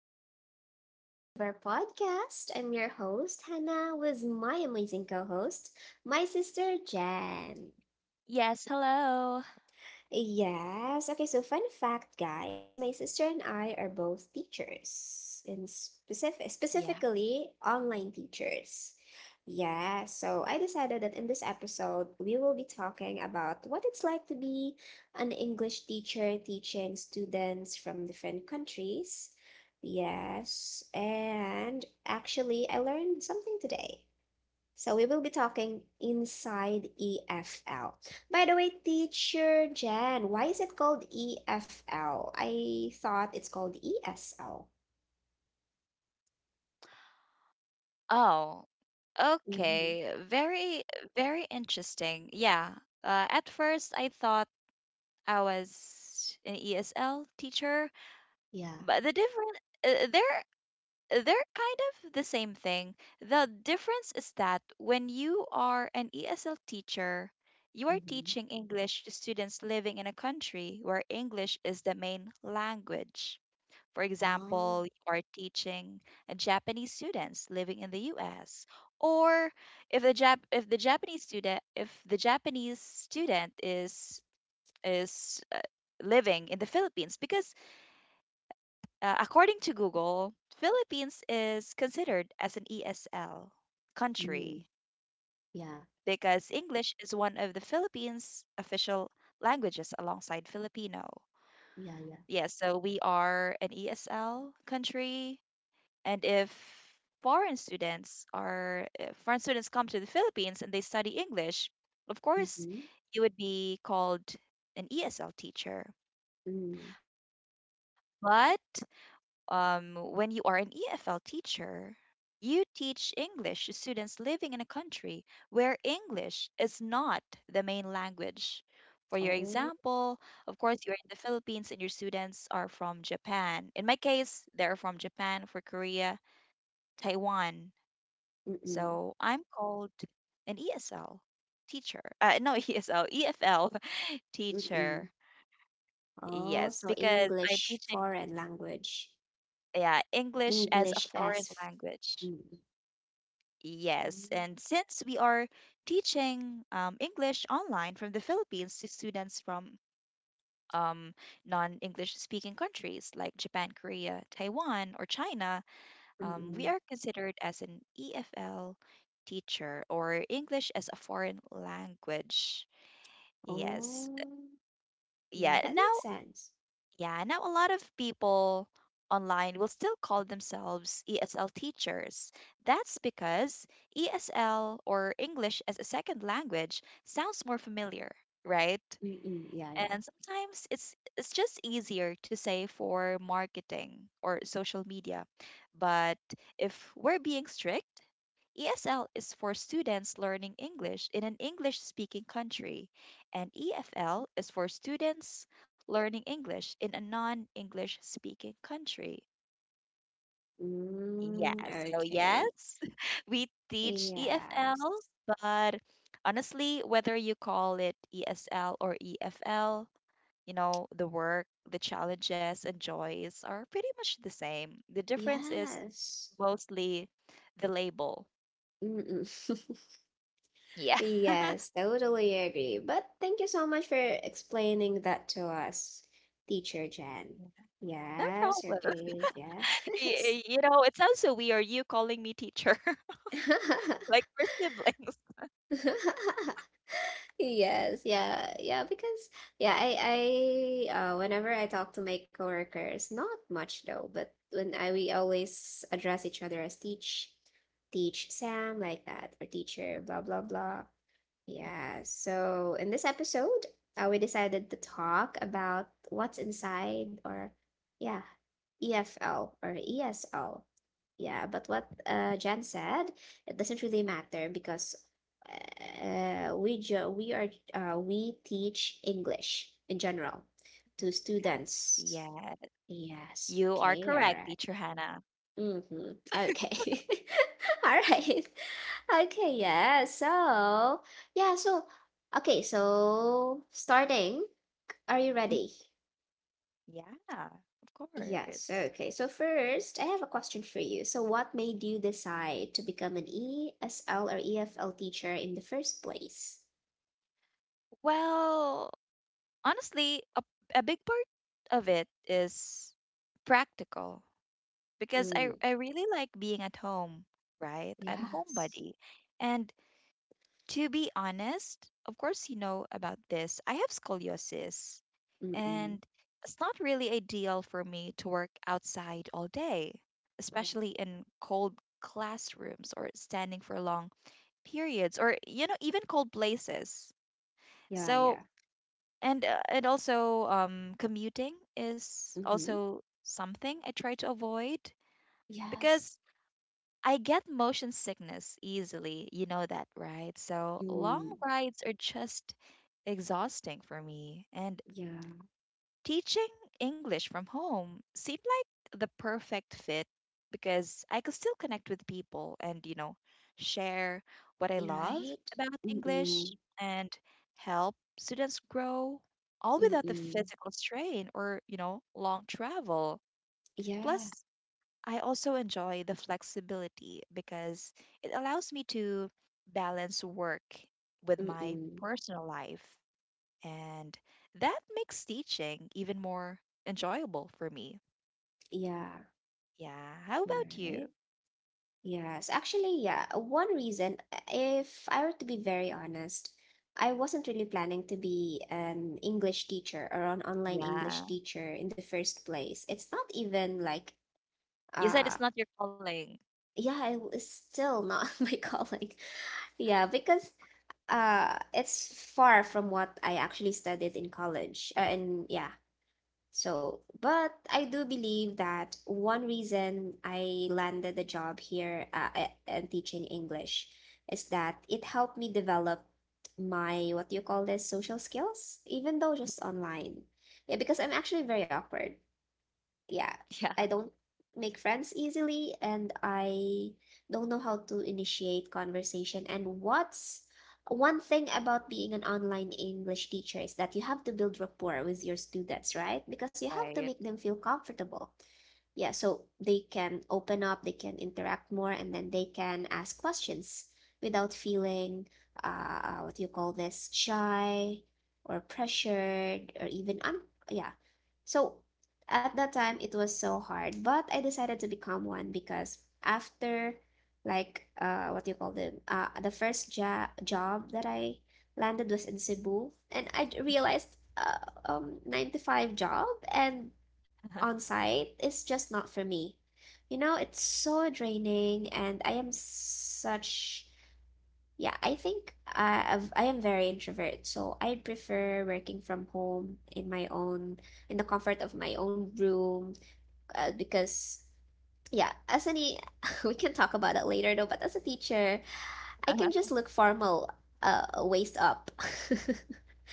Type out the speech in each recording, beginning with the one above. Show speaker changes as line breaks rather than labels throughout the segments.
back to another episode of our podcast. I'm your host, Hannah, with my amazing co host, my sister, Jan.
Yes, hello.
Yes. Okay, so fun fact, guys, my sister and I are both teachers, in specific
Yeah.
specifically online teachers. Yeah, so I decided that in this episode we will be talking about what it's like to be an English teacher teaching students from different countries. Yes, and actually I learned something today. So we will be talking inside EFL. By the way, teacher Jen, why is it called EFL? I thought it's called ESL.
Oh, okay.
Mm-hmm.
Very interesting. Yeah. At first, I thought I was an ESL teacher,
Yeah.
but the difference, uh, they're they're kind of the same thing. The difference is that when you are an ESL teacher, you are
Mm-hmm.
teaching English to students living in a country where English is the main language. For
Oh,
example, you are teaching a Japanese students living in the US, or if the Jap- if the Japanese student if the Japanese student is is uh, living in the Philippines, because according to Google, Philippines is considered as an ESL
mm.
country
Yeah.
because English is one of the Philippines' official languages alongside Filipino.
Yeah. Yeah.
Yes, so we are an ESL country. And if foreign students come to the Philippines and they study English, of course,
Mm-hmm.
you would be called an ESL teacher.
Mm.
But when you are an EFL teacher, you teach English to students living in a country where English is not the main language. For your
Oh,
example, of course, you're in the Philippines and your students are from Japan. In my case, they're from Japan, for Korea, Taiwan,
mm-mm,
so I'm called an ESL teacher. No, ESL, EFL
mm-mm.
teacher.
Oh,
Yes,
so
because I'm
English
teaching
foreign language.
yeah, English as a
English
foreign
as
language.
mm.
Yes,
Mm.
and since we are teaching English online from the Philippines to students from um, non-English speaking countries like Japan, Korea, Taiwan, or China, we
Mm-mm.
are considered as an EFL teacher or English as a foreign language. Yes.
Oh, yeah,
Yeah.
that makes
Now,
sense.
yeah, now a lot of people online will still call themselves ESL teachers. That's because ESL or English as a second language sounds more familiar, right?
Mm-mm. Yeah. Yeah.
And sometimes it's just easier to say for marketing or social media. But if we're being strict, ESL is for students learning English in an English speaking country, and EFL is for students learning English in a non English speaking country.
Mm,
Yes, so
okay.
yes, we teach
Yes.
EFL, but honestly, whether you call it ESL or EFL, you know, the work, the challenges and joys are pretty much the same. The difference is
Yes.
mostly the label.
Mm-mm.
Yeah.
Yes, totally agree. But thank you so much for explaining that to us, Teacher Jen.
Yeah. No
Yes,
problem.
okay, yes.
You know, it sounds so weird, you calling me teacher, like we're siblings.
Yes, yeah, yeah, because yeah, I whenever I talk to my coworkers, not much though, but when I we always address each other as teach, teach Sam like that, or teacher, blah blah blah. Yeah, so in this episode, we decided to talk about what's inside or, yeah, EFL or ESL. Yeah, but what Jen said, it doesn't really matter because we jo we are we teach English in general to
Yes,
students.
yes.
Yes,
You are
okay,
correct,
all right.
teacher Hannah.
Mhm. Okay. All right. Okay, yeah. Yeah, so okay, so starting, are you
Mhm.
ready?
Yeah, of
Yes,
course.
okay. So first, I have a question for you. So what made you decide to become an ESL or EFL teacher in the first place?
Well, honestly, a big part of it is practical. Because I
Mm,
I really like being at home, right? I'm
yes.
homebody. And to be honest, of course you know about this. I have scoliosis
Mm-mm.
and it's not really ideal for me to work outside all day,
Yeah.
especially in cold classrooms or standing for long periods or you know even cold places.
Yeah,
So
yeah.
and also commuting is
Mm-hmm.
also something I try to avoid
Yes.
because I get motion sickness easily. You know that, right? So long
Mm,
rides are just exhausting for me. And
yeah.
teaching English from home seemed like the perfect fit because I could still connect with people and, you know, share what I
You're
love
right.
about English
Mm-mm.
and help students grow all without the
Mm-mm.
physical strain or, you know, long travel.
Yeah.
Plus, I also enjoy the flexibility because it allows me to balance work with my
Mm-mm.
personal life, and that makes teaching even more enjoyable for me.
Yeah,
Yeah. How about
right.
you?
Yes, actually, yeah. One reason, if I were to be very honest, I wasn't really planning to be an English teacher or an online English
Yeah.
teacher in the first place. It's not even like,
You said
uh,
it's not your calling.
yeah, it was still not my calling. Yeah, because it's far from what I actually studied in college. But I do believe that one reason I landed the job here and teaching English is that it helped me develop my, what do you call this, social skills, even though just online. Yeah, because I'm actually very awkward, yeah,
Yeah.
I don't make friends easily and I don't know how to initiate conversation. And what's one thing about being an online English teacher is that you have to build rapport with your students, right? Because you have to make
Right.
them feel comfortable, yeah, so they can open up, they can interact more, and then they can ask questions without feeling, what do you call this shy or pressured or even un, yeah. So at that time it was so hard, but I decided to become one because after, like what do you call it the first job that I landed was in Cebu. And I realized 9 to 5 job and on site is just not for me. You know, it's so draining, and I am such. Yeah, I think I am very introvert, so I prefer working from home in my own, in the comfort of my own room, because yeah, as any, we can talk about it later though. But as a teacher, I can just look formal, waist up,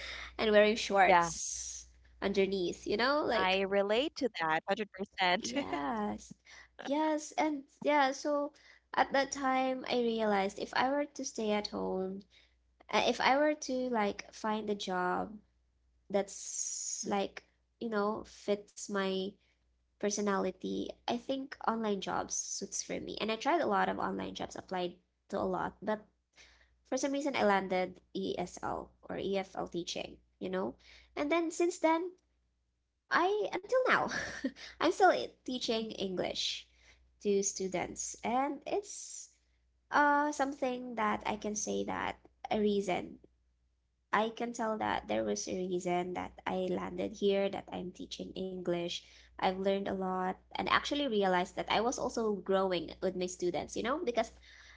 and wearing
yeah.
shorts underneath. You
I
know,
relate
like
to that 100%.
yes. Yes, and yeah, so at that time I realized if I were to stay at home, if I were to like find a job
Mm,
that's like, you know, fits my personality, I think online jobs suits for me. And I tried a lot of online jobs, applied to a lot, but for some reason I landed ESL or EFL teaching, you know? And then since then, I until now, I'm still teaching English to students, and it's something that I can say that a reason. I can tell that there was a reason that I landed here, that I'm teaching English. I've learned a lot and actually realized that I was also growing with my students, you know, because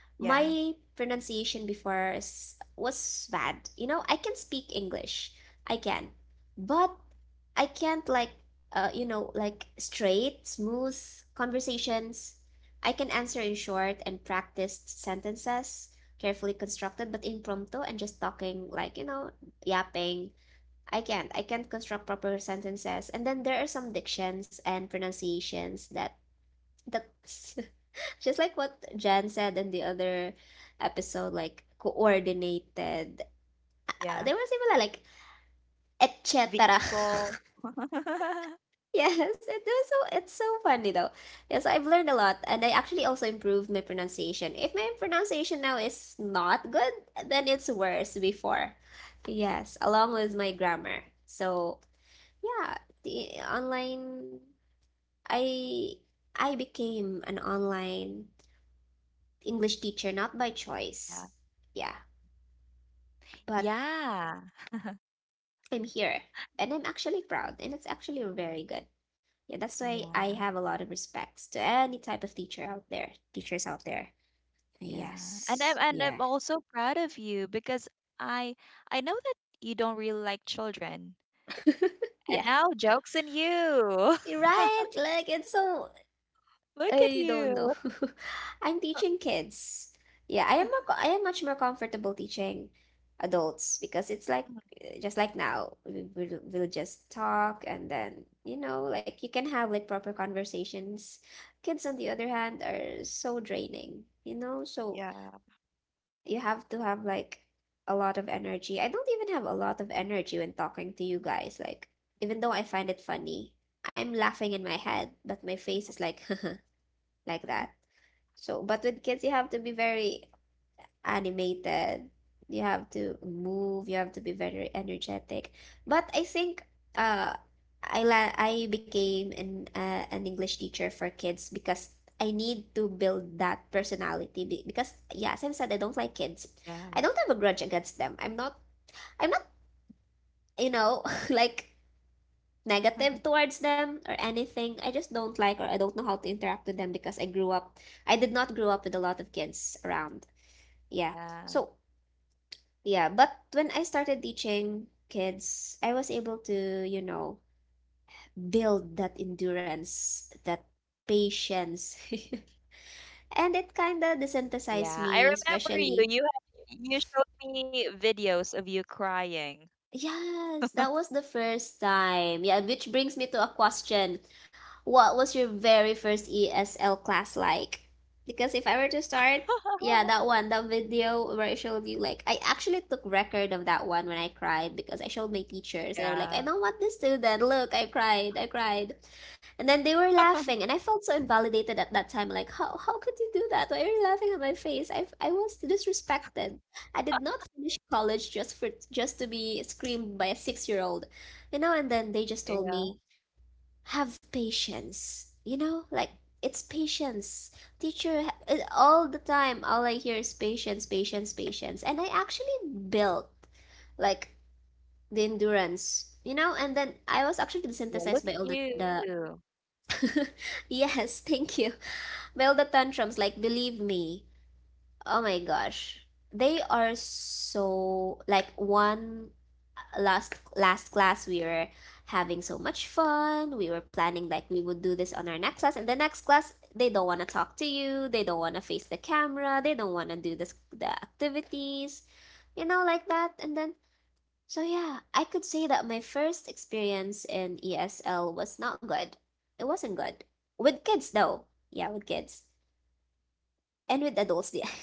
yeah.
my pronunciation before is, was bad. You know, I can speak English. I can. But I can't like, you know, like straight, smooth conversations. I can answer in short and practiced sentences, carefully constructed but impromptu and just talking like, you know, yapping. I can't. I can't construct proper sentences. And then there are some dictions and pronunciations that, that's just like what Jan said in the other episode, like coordinated.
Yeah.
There was even like et cetera.
Vehicle.
Yes, it was so, it's so funny though. Yes, I've learned a lot and I actually also improved my pronunciation. If my pronunciation now is not good, then it's worse before. Yes, along with my grammar. So, yeah, the online I I became an online English teacher not by
yeah.
choice. Yeah, but
Yeah.
I'm here and I'm actually proud and it's actually very good. Yeah, that's why I
Yeah.
have a lot of respects to any type of teacher out there, teachers out there.
Yeah. And I'm
Yes.
and I'm
Yeah.
also proud of you because I I know that you don't really like children. And
Yeah.
now jokes on you.
You're right? Like it's so,
Look at
I don't know.
you.
I'm teaching kids. Yeah, I am more, I am much more comfortable teaching adults because it's like,
Mhm.
just like now we'll just talk and then, you know, like you can have like proper conversations. Kids on the other hand are so draining, you know? So
Yeah.
you have to have like a lot of energy. I don't even have a lot of energy when talking to you guys. Like even though
Mhm.
I find it funny, I'm laughing in my head, but my face is like like that. So, but with kids, you have to be very animated. You have to move. You have to be very energetic. But I think uh, I became an English teacher for kids because I need to build that personality. Because yeah, as I've said, I don't like kids.
Yeah.
I don't have a grudge against them. I'm not. I'm not. You know, like negative towards them or anything. I just don't like, or I don't know how to interact with them because I did not grow up with a lot of kids around, yeah.
Yeah.
So yeah, but when I started teaching kids, I was able to, you know, build that endurance, that patience, and it kind of desensitized
Yeah. I
me
remember you.
especially.
You had, you showed me videos of you crying.
Yes, that was the first time. Yeah, which brings me to a question. What was your very first ESL class like? Because if I were to start, yeah, that one, that video where I showed you, like, I actually took record of that one when I cried because I showed my teachers and I was like, I don't
Yeah.
want this student. Look, I cried, I cried. And then they were laughing, and I felt so invalidated at that time. Like, how could you do that? Why are you laughing at my face? I was disrespected. I did not finish college just to be screamed by a 6-year-old. You know, and then they just told me,
Yeah.
"Have patience." You know, like it's patience. All the time all I hear is patience, patience, patience. And I actually built like the endurance, you know, and then I was actually
Yeah,
desensitized by
look
all
at
the
you.
yes, thank you. By all the tantrums, like believe me. Oh my gosh. They are so like one, last last class we were having so much fun. We were planning like we would do this on our next class, and the next class they don't want to talk to you. They don't want to face the camera. They don't want to do this the activities, you know, like that. And then so yeah, I could say that my first experience in ESL was not good. It wasn't good with kids though. Yeah, with kids and with adults. Yeah.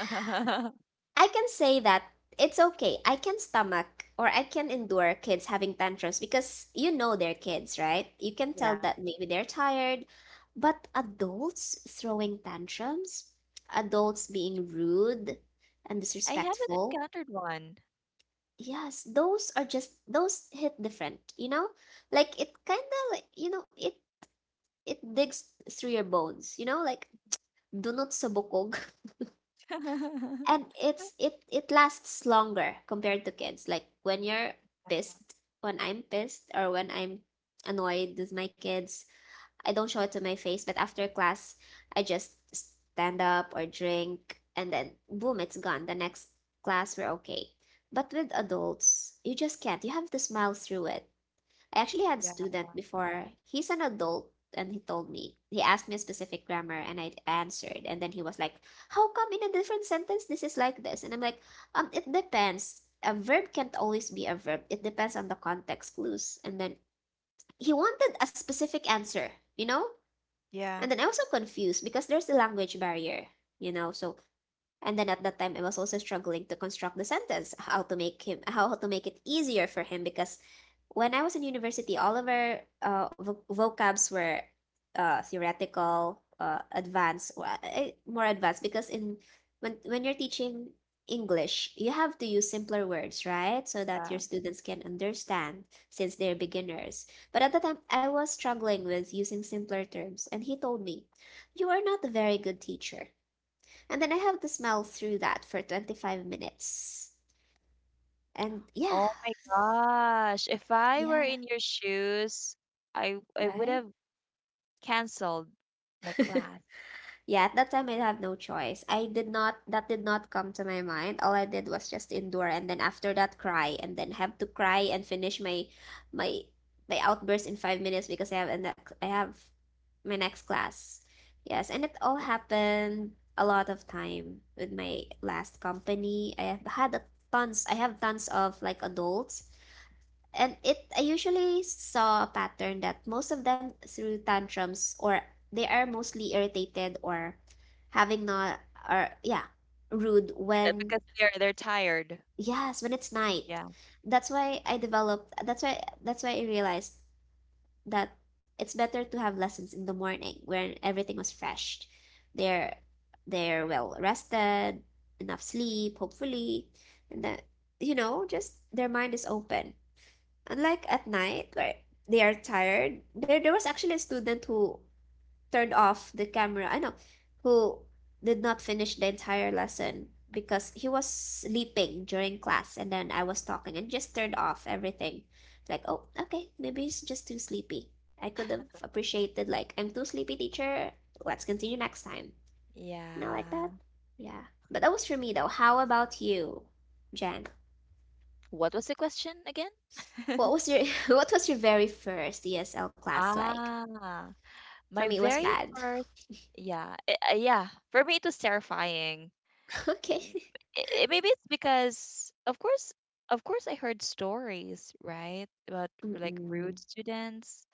I can say that it's okay. I can stomach or I can endure kids having tantrums because you know they're kids, right? You can tell that
Yeah.
maybe they're tired. But adults throwing tantrums, adults being rude and
I haven't
disrespectful,
encountered one.
yes, those are just, those hit different, you know? Like it kind of like, you know, it digs through your bones, you know? Like dunot sa bukog. And it's, it lasts longer compared to kids. Like when you're pissed, when I'm pissed, or when I'm annoyed with my kids, I don't show it to my face, but after class I just stand up or drink and then boom, it's gone. The next class we're okay. But with adults you just can't, you have to smile through it. I actually had a
Yeah.
student before. He's an adult, and he told me, he asked me a specific grammar, and I answered. And then he was like, "How come in a different sentence this is like this?" And I'm like, "It depends. A verb can't always be a verb, it depends on the context clues." And then he wanted a specific answer, you know? And
Yeah.
then I was so confused because there's the language barrier, you know? So and then at that time, I was also struggling to construct the sentence, how to make him, how to make it easier for him, because when I was in university, all of our vocabs were theoretical, advanced, more advanced, because in when you're teaching English, you have to use simpler words, right? So that your
Yeah.
students can understand since they're beginners. But at the time, I was struggling with using simpler terms, and he told me, "You are not a very good teacher." And then I have to smell through that for 25 minutes. And yeah,
Oh my gosh. If I were
yeah,
in your shoes, I would
right?
have canceled my class
Yeah, at that time I have no choice. I did not, that did not come to my mind. All I did was just endure and then after that cry and then have to cry and finish my my outburst in 5 minutes because I have a next I have my next class. Yes, and it all happened a lot of time with my last company. I have tons of like adults. And it I usually saw a pattern that most of them through tantrums or they are mostly irritated or having not or yeah, rude when
because they're tired.
yes, when it's night.
Yeah.
That's why I realized that it's better to have lessons in the morning when everything was fresh. They're they're well rested, enough sleep, hopefully, and that you know, just their mind is open. Unlike at night, where they are tired, there was actually a student who turned off the camera. I know, who did not finish the entire lesson because he was sleeping during class, and then I was talking and just turned off everything. Like, oh, okay, maybe he's just too sleepy. I could have appreciated like, "I'm too sleepy, teacher. Let's continue next time." Not like that.
Yeah.
Yeah. But that was for me though. How about you, Jan?
What was the question again?
What was your what was your very first ESL class like?
Ah,
For
my
me, it was
very
bad.
first, yeah, yeah. For me, it was terrifying.
Okay.
M- Maybe it's because, of course, I heard stories, right, about like
Mm-mm.
rude students.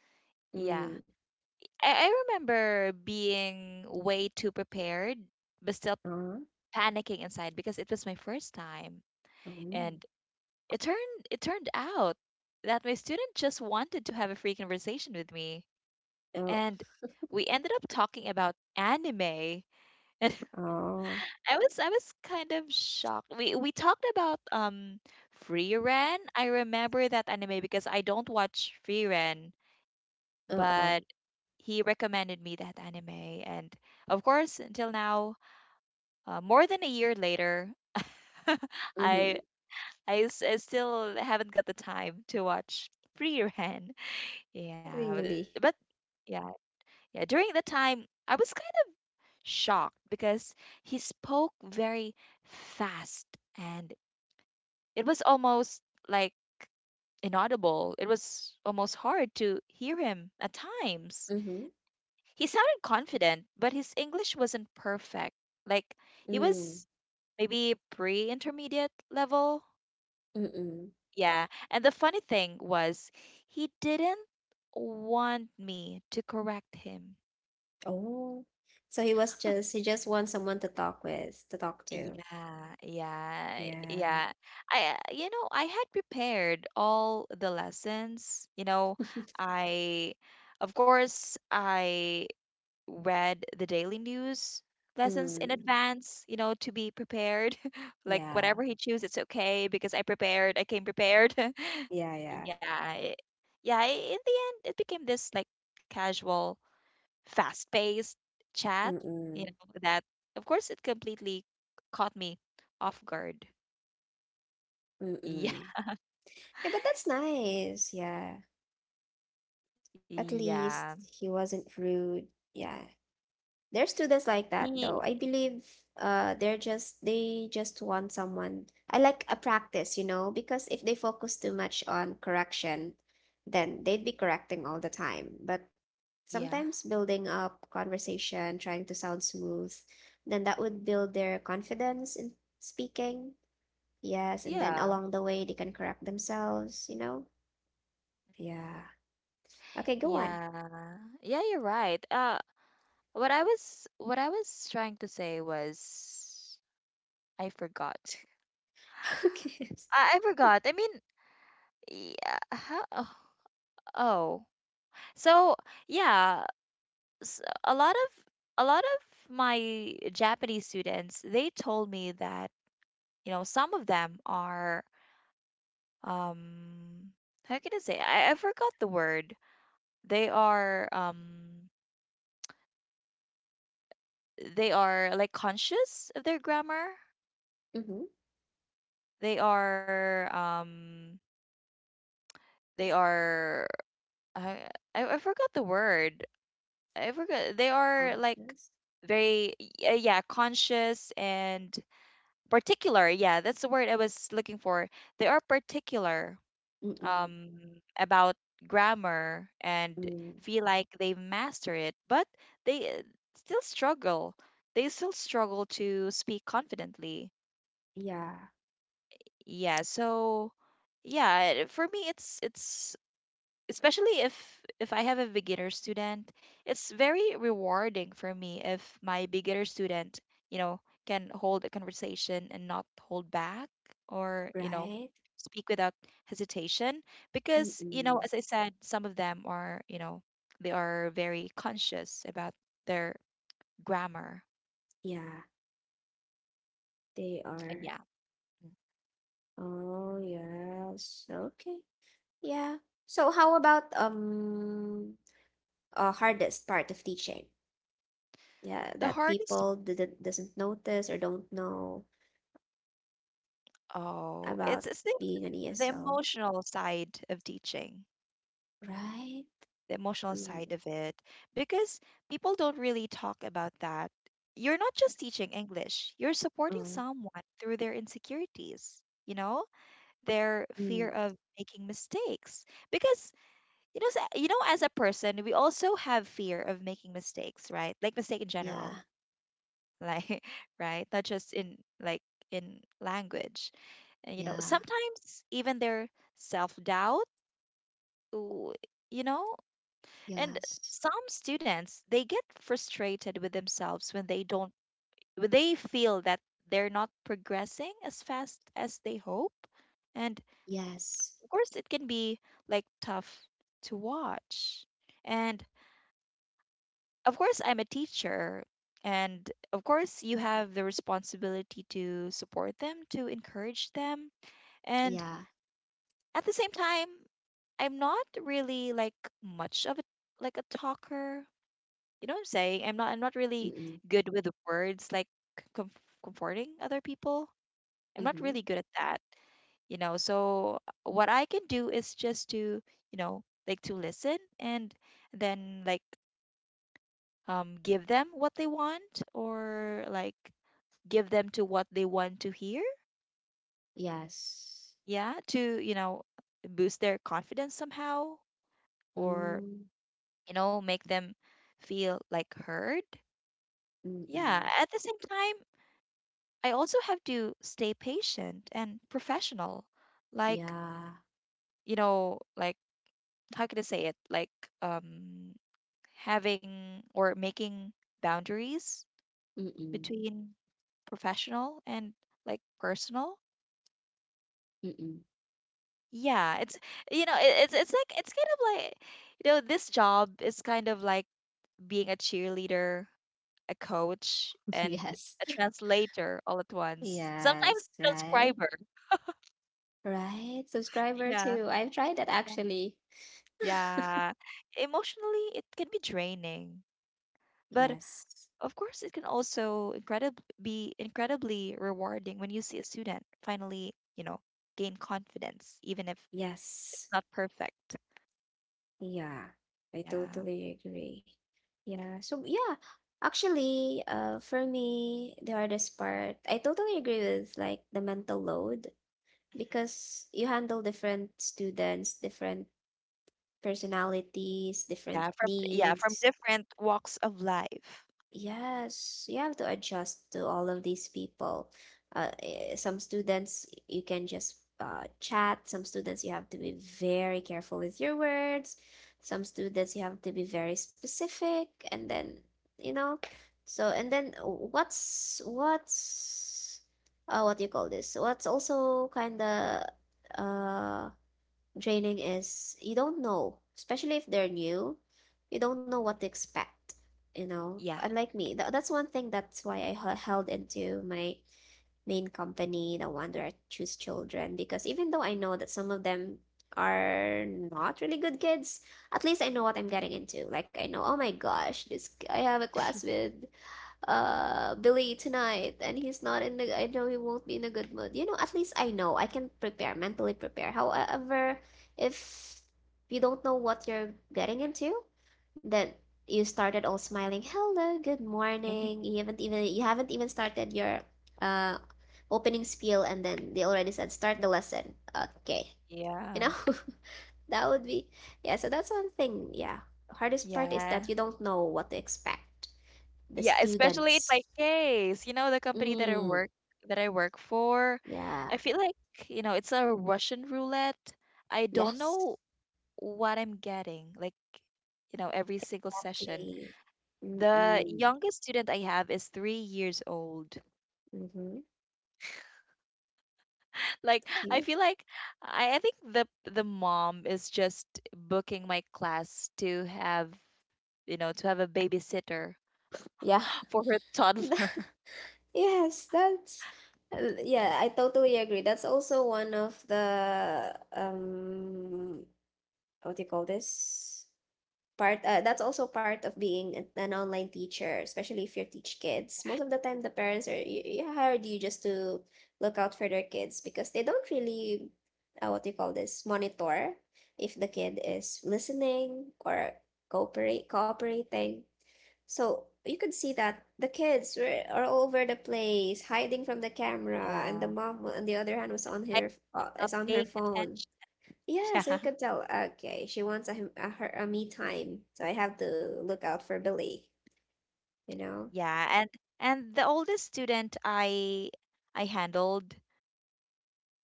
Yeah,
Mm.
I remember being way too prepared, but still
Uh,
panicking inside because it was my first time.
um.
And it turned out that my student just wanted to have a free conversation with me.
Oh.
And we ended up talking about anime. And
Oh.
I was kind of shocked. We talked about Ren. I remember that anime because I don't watch Ren,
Uh-uh.
but he recommended me that anime and of course, until now, more than a year later, I,
Mm-hmm.
I still haven't got the time to watch Free Ran. Yeah, but
Really.
yeah, yeah. During the time, I was kind of shocked because he spoke very fast, and it was almost like inaudible. It was almost hard to hear him at times.
Mm-hmm.
He sounded confident, but his English wasn't perfect. Like he
Mm.
was maybe pre intermediate level.
Mm-mm.
Yeah. And the funny thing was, he didn't want me to correct him.
Oh. So he was just he just wants someone to talk with, to talk to.
Yeah, yeah,
Yeah.
yeah. You know, I had prepared all the lessons. You know, I, of course, I read the daily news lessons in
Mm.
advance, you know, to be prepared. like
Yeah.
whatever he chooses, it's okay because I prepared, I came prepared.
Yeah, yeah.
yeah. It, yeah, in the end it became this like casual, fast-paced chat, you
Mm-mm.
know, that of course it completely caught me off guard. Yeah.
Mm-mm. Yeah, but that's nice. Yeah. At
Yeah.
least he wasn't rude. Yeah. There's students like that
He
though. I believe they're just they just want someone I like a practice, you know, because if they focus too much on correction, then they'd be correcting all the time. But
yeah.
sometimes building up conversation, trying to sound smooth, then that would build their confidence in speaking. Yes, and then
Yeah.
along the way they can correct themselves, you know? Yeah. Okay, go on.
Yeah. Yeah, you're right. Uh, what I was trying to say was I forgot.
Okay.
I forgot. I mean, yeah, how, oh. Oh. So, yeah, s a lot of my Japanese students, they told me that, you know, some of them are um how can I say? I forgot the word. They are um they are like conscious of their grammar.
Mhm,
They are um they are I I forgot the word. I forgot. They are like
conscious?
yeah, conscious and particular. Yeah, that's the word I was looking for. They are particular
Mm,
um about grammar and
yeah.
feel like they've mastered it, but they still struggle. They still struggle to speak confidently.
Yeah,
Yeah, so yeah, for me it's especially if I have a beginner student, it's very rewarding for me if my beginner student, you know, can hold a conversation and not hold back or, you know,
right?
speak without hesitation because, you know,
Mm-mm.
as I said, some of them are, you know, they are very conscious about their grammar.
Yeah, they
And
are.
yeah,
Oh, yes. Okay. Yeah. So how about hardest part of teaching? Yeah,
the
that
hardest,
people didn't doesn't notice or don't know
oh,
about
it's
being an
the
ESL,
emotional side of teaching.
right?
The emotional
Mm,
side of it because people don't really talk about that. You're not just teaching English, you're supporting
mm,
someone through their insecurities, you know, their fear
mm.
of making mistakes. Because you know, you know as a person, we also have fear of making mistakes, right? Like mistake in general,
Yeah,
like right? Not just in like in language. And, you know,
yeah,
sometimes even their self-doubt, you know. And
yes,
some students, they get frustrated with themselves when they don't when they feel that they're not progressing as fast as they hope. And
yes,
of course it can be like tough to watch. And of course I'm a teacher and of course you have the responsibility to support them, to encourage them. And
yeah,
at the same time, I'm not really like much of a like a talker, you know what I'm saying? I'm not really
mm-mm,
good with words like com- comforting other people. I'm not really
mm-hmm,
good at that, you know. So what I can do is just to, you know, like to listen and then like give them what they want or like give them to what they want to hear.
yes,
Yeah, to, you know, boost their confidence somehow or,
mm,
you know, make them feel like heard. Yeah,
mm-mm,
at the same time, I also have to stay patient and professional. Like,
yeah.
you know, like how can I say it? Like um having or making boundaries
Mm-mm.
between professional and like personal.
Mm-mm.
Yeah, it's you know, it's like it's kind of like you know, this job is kind of like being a cheerleader, a coach, and
Yes.
a translator all at once. Sometimes
Yes. Right.
transcriber.
Right. Subscriber
Yeah.
too. I've tried that actually.
Yeah, emotionally, it can be draining, but
Yes.
of course, it can also incredib be incredibly rewarding when you see a student finally, you know, gain confidence, even if it's
Yes.
not perfect.
Yeah. I
Yeah.
totally agree. Yeah. So yeah. Actually, for me, the hardest part, I totally agree with like the mental load
Mhm.
because you handle different students, different personalities, different
Yeah, from
needs.
different walks of life.
Yes, you have to adjust to all of these people. Some students you can just chat. Some students you have to be very careful with your words. Some students you have to be very specific, and then you know. So and then what do you call this? What's also kind of uh draining is you don't know, especially if they're new, you don't know what to expect, you know.
Yeah.
Unlike me, that's one thing that's why I held into my main company, the one where I choose children, because even though I know that some of them are not really good kids, at least I know what I'm getting into. Like I know, oh my gosh, this I have a class with Billy tonight and he's not in the I know he won't be in a good mood. You know, at least I know I can prepare, mentally prepare. However, if you don't know what you're getting into, then you started all smiling, "Hello, good morning." You haven't even started your uh opening spiel and then they already said start the lesson. Okay. You know,
Yeah.
that would be yeah, so that's one thing. Yeah. Hardest part is that
Yeah.
you don't know what to expect. The
Yeah, especially in my
students.
case, you know, the company
Mm,
that I work for,
yeah.
I feel like, you know, it's a Russian roulette. I don't
Yes.
know what I'm getting, like, you know, every single session.
Clean.
The
Mm-mm.
youngest student I have is 3 years old.
Mm-hmm.
Like, I
See?
feel like I think the mom is just booking my class to have a babysitter
Yeah.
for her toddler.
Yes, that's yeah, I totally agree. That's also one of the what do you call this? Part that's also part of being an online teacher, especially if you teach kids. Most of the time the parents are you hired you just to look out for their kids because they don't really what do you call this, monitor if the kid is listening or cooperate cooperating. So you could see that the kids were are all over the place hiding from the camera and the
Yeah.
mom on the other hand was on
I'm
her
not
is on her
paying
phone.
attention.
Yeah, so
Yeah.
you could tell, okay, she wants a, him- a her a me time, so I have to look out for Billy, you know?
Yeah, and the oldest student I handled.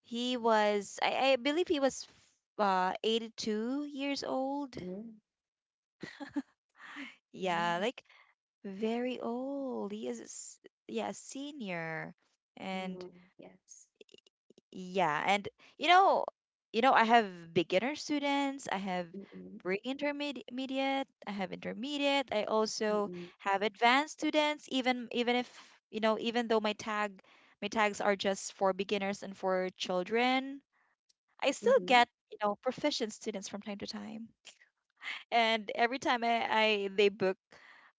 He was, I believe he was 82 years old.
Mm,
Yeah,
really?
like very old. He is, a s- Yeah, a senior. And
Mm, yes.
yeah, and you know, you know, I have beginner students, I have
Mm-mm,
pre-intermediate, I have intermediate, I also
mm-mm,
have advanced students, even if, you know, even though my tags are just for beginners and for children. I still
mm-hmm.
get, you know, proficient students from time to time. And every time I they book,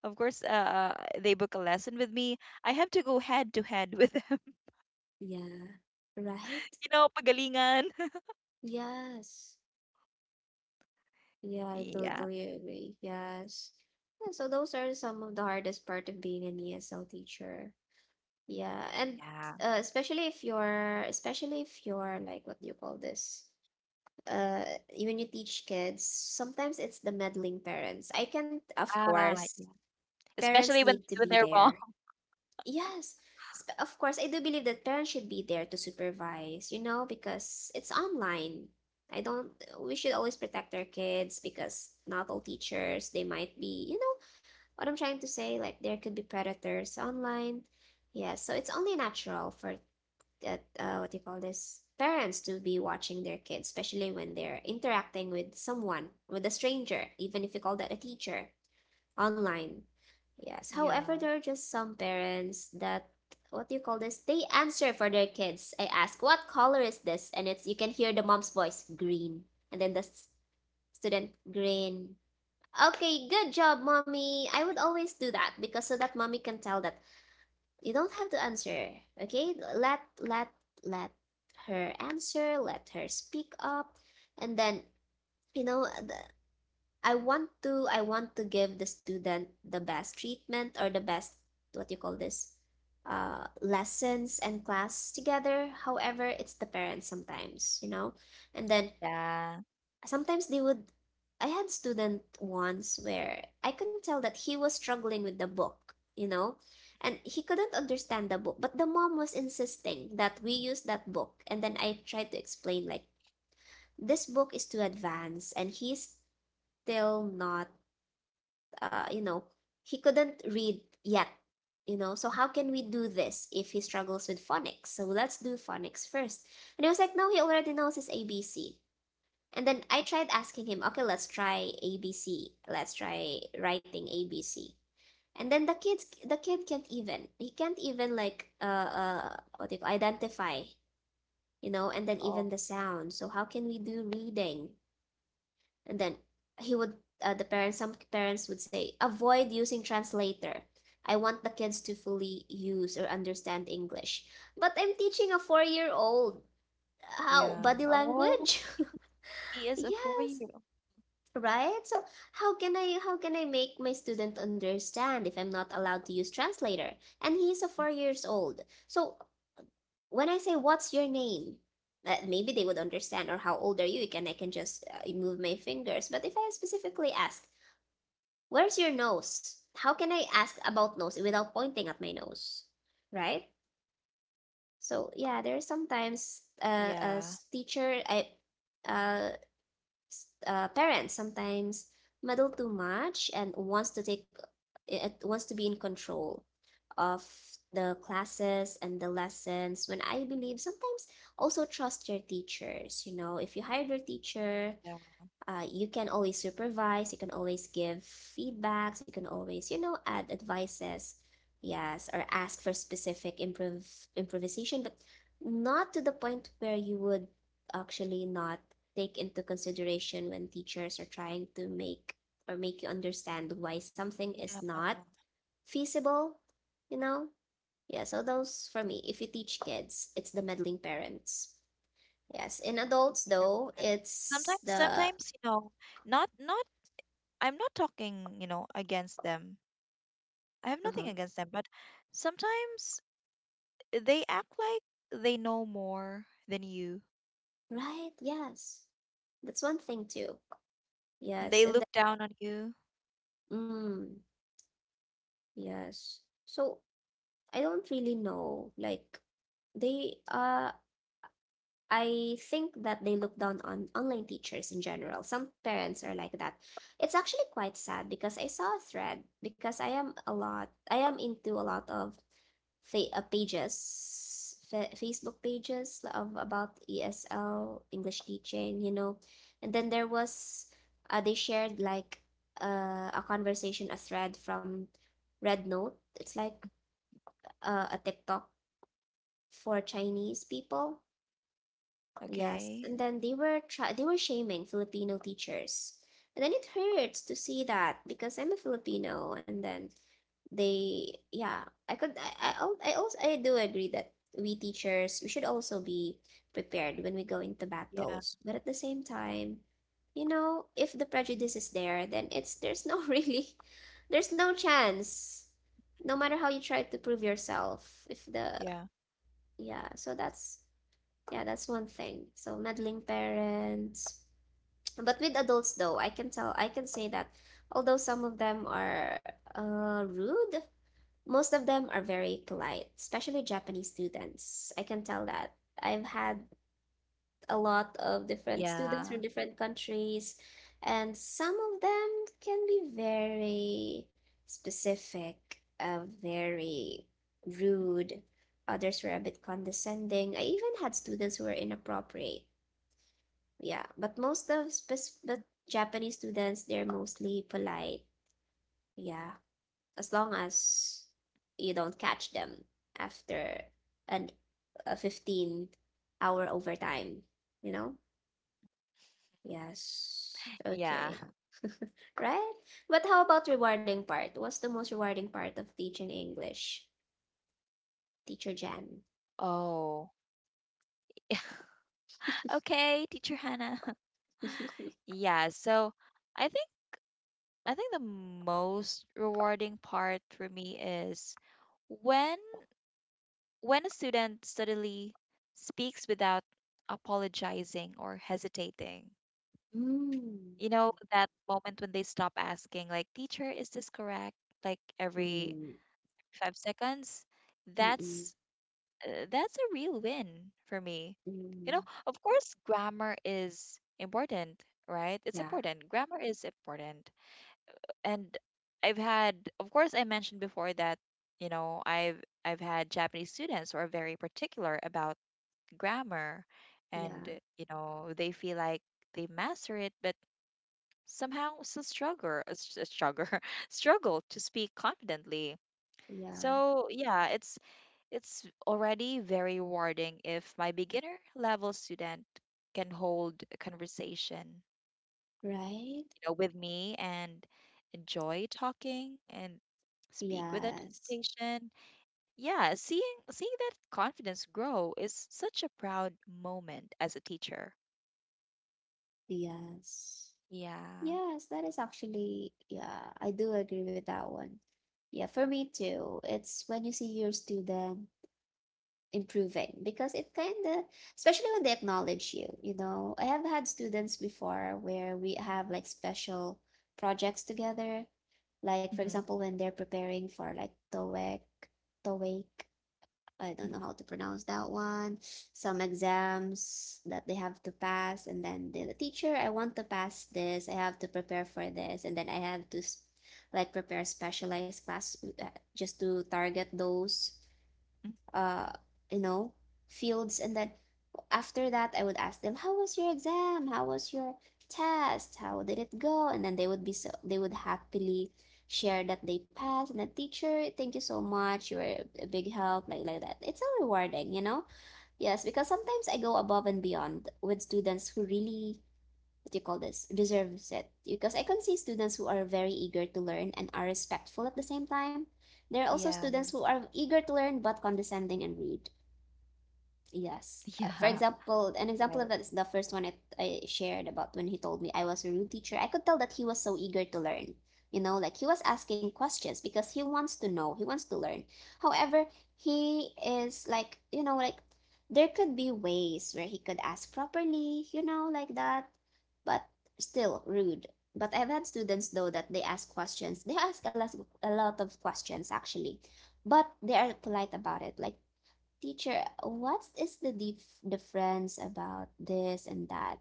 of course, they book a lesson with me, I have to go head to head with them.
Yeah. Right?
You know, pagalingan.
Yes. Yeah, I
Yeah,
totally agree. Yes. Yeah, so those are some of the hardest part of being an ESL teacher. Yeah, and
yeah.
especially if you're like, what do you call this? uh when you teach kids, sometimes it's the meddling parents. I can, of
Ah,
course,
yeah.
parents
Especially when
need to
when
be
they're wrong.
there. Yes, of course I do believe that parents should be there to supervise, you know, because it's online. I don't We should always protect our kids because not all teachers, they might be, you know, what I'm trying to say, like there could be predators online. Yeah, so it's only natural for that what do you call this, parents to be watching their kids, especially when they're interacting with someone, with a stranger, even if you call that a teacher online. Yes, however,
Yeah.
there are just some parents that what do you call this, they answer for their kids. I ask what color is this, and it's you can hear the mom's voice, "Green." And then the student, "Green." Okay, good job, mommy. I would always do that because so that mommy can tell that you don't have to answer. Okay? Let her answer, let her speak up. And then, you know, I want to give the student the best treatment or the best what you call this lessons and class together. However, it's the parents sometimes, you know. And then
Yeah.
sometimes they would I had student once where I can tell that he was struggling with the book, you know, and he couldn't understand the book, but the mom was insisting that we use that book. And then I tried to explain, like, this book is too advanced and he's still not you know, he couldn't read yet, you know, so how can we do this if he struggles with phonics? So let's do phonics first. And he was like, no, he already knows his ABC. And then I tried asking him, okay, let's try ABC. Let's try writing ABC. And then the kid can't even, he can't even like, what do you call, identify, you know, and then
Oh,
even the sound. So how can we do reading? And then he would, some parents would say, avoid using translator. I want the kids to fully use or understand English. But I'm teaching a 4-year-old how,
yeah.
body
Oh,
language.
he is a
Yes.
four-year-old.
Right? So how can I make my student understand if I'm not allowed to use translator? And he is a 4 years old. So when I say what's your name, that maybe they would understand, or how old are you? Can just move my fingers. But if I specifically ask, where's your nose? How can I ask about nose without pointing at my nose, right? So yeah, there are
Yeah.
sometimes a teacher I uh s- parents sometimes meddle too much and wants to be in control of the classes and the lessons, when I believe sometimes also trust your teachers. You know, if you hired your
Yeah.
teacher, you can always supervise, you can always give feedbacks, you can always, you know, add advices, yes, or ask for specific improvisation, but not to the point where you would actually not take into consideration when teachers are trying to make or make you understand why something is
Yeah,
not feasible, you know? Yeah, so those for me, if you teach kids, it's the meddling parents. Yes, in adults
you're
though,
right. Sometimes,
it's the
sometimes, you know, not, not, I'm not talking, you know, against them. I have
uh-huh.
nothing against them, but sometimes they act like they know more than you,
Right, yes. That's one thing too.
and
Yes,
they
and the,
look down on you.
mm, yes. So I don't really know. Like they I think that they look down on online teachers in general. Some parents are like that. It's actually quite sad because I saw a thread because I am into a lot of pages, Facebook pages of about ESL English teaching, you know, and then there was they shared like a conversation, a thread from Red Note. It's like a TikTok for Chinese people. Yes,
Okay.
and then they were shaming Filipino teachers. And then it hurts to see that because I'm a Filipino, and then they, yeah, I could I, al- I also I do agree that we should also be prepared when we go into
Yeah.
battles, but at the same time, you know, if the prejudice is there, then it's there's no really there's no chance, no matter how you try to prove yourself, if the
Yeah.
yeah, so that's yeah, that's one thing, so meddling parents. But with adults though, I can say that although some of them are rude, most of them are very polite, especially Japanese students. I can tell that. I've had a lot of
Yeah.
different students from different countries, and some of them can be very specific, very rude. Others were a bit condescending. I even had students who were inappropriate. Yeah, but but Japanese students, they're mostly polite. Yeah, as long as you don't catch them after an a 15-hour overtime, you know? Yes.
Yeah.
Okay. Right? But how about rewarding part? What's the most rewarding part of teaching English? Teacher Jan.
Oh. Okay, teacher Hannah. Yeah, so I think I think the most rewarding part for me is when when a student suddenly speaks without apologizing or hesitating.
Mm.
You know, that moment when they stop asking, like, teacher, is this correct? Like every
Mm.
5 seconds.
Mm-mm.
That's that's a real win for me. You know,
Mm.
of course, grammar is important, right? It's
Yeah.
important. Grammar is important. And I've had, of course, I mentioned before that, you know, I've had Japanese students who are very particular about grammar, and
Yeah.
you know, they feel like they master it, but somehow still struggle struggle to speak confidently.
Yeah.
So yeah, it's already very rewarding if my beginner level student can hold a conversation,
Right?
you know, with me and enjoy talking and speak without
Yes.
hesitation. Yeah, seeing that confidence grow is such a proud moment as a teacher.
Yes.
Yeah.
Yes, that is actually, yeah, I do agree with that one. Yeah, for me too. It's when you see your student improving, because it kind of, especially when they acknowledge you, you know. I have had students before where we have like special projects together. Like, for
Hmm.
example, when they're preparing for like TOEIC, TOEIC. I don't know how to pronounce that one. Some exams that they have to pass, and then the teacher, I want to pass this. I have to prepare for this, and then I have to like prepare specialized class, just to target those uh you know fields, and then after that, I would ask them, "How was your exam? How was your test? How did it go?" And then they would happily share that they passed and the teacher, thank you so much. You were a big help, like that. It's so rewarding, you know? Yes, because sometimes I go above and beyond with students who really what do you call this deserves it, because I can see students who are very eager to learn and are respectful at the same time. There are also
Yeah.
students who are eager to learn but condescending and rude. Yes.
Yeah.
For example, an
Right.
example of that is the first one I shared about, when he told me I was a rude teacher. I could tell that he was so eager to learn. You know, like he was asking questions because he wants to know, he wants to learn. However, he is like, you know, like there could be ways where he could ask properly, you know, like that, but still rude. But I've had students though that they ask questions. They ask a lot of questions actually, but they are polite about it. Like Teacher, what is the difference about this and that?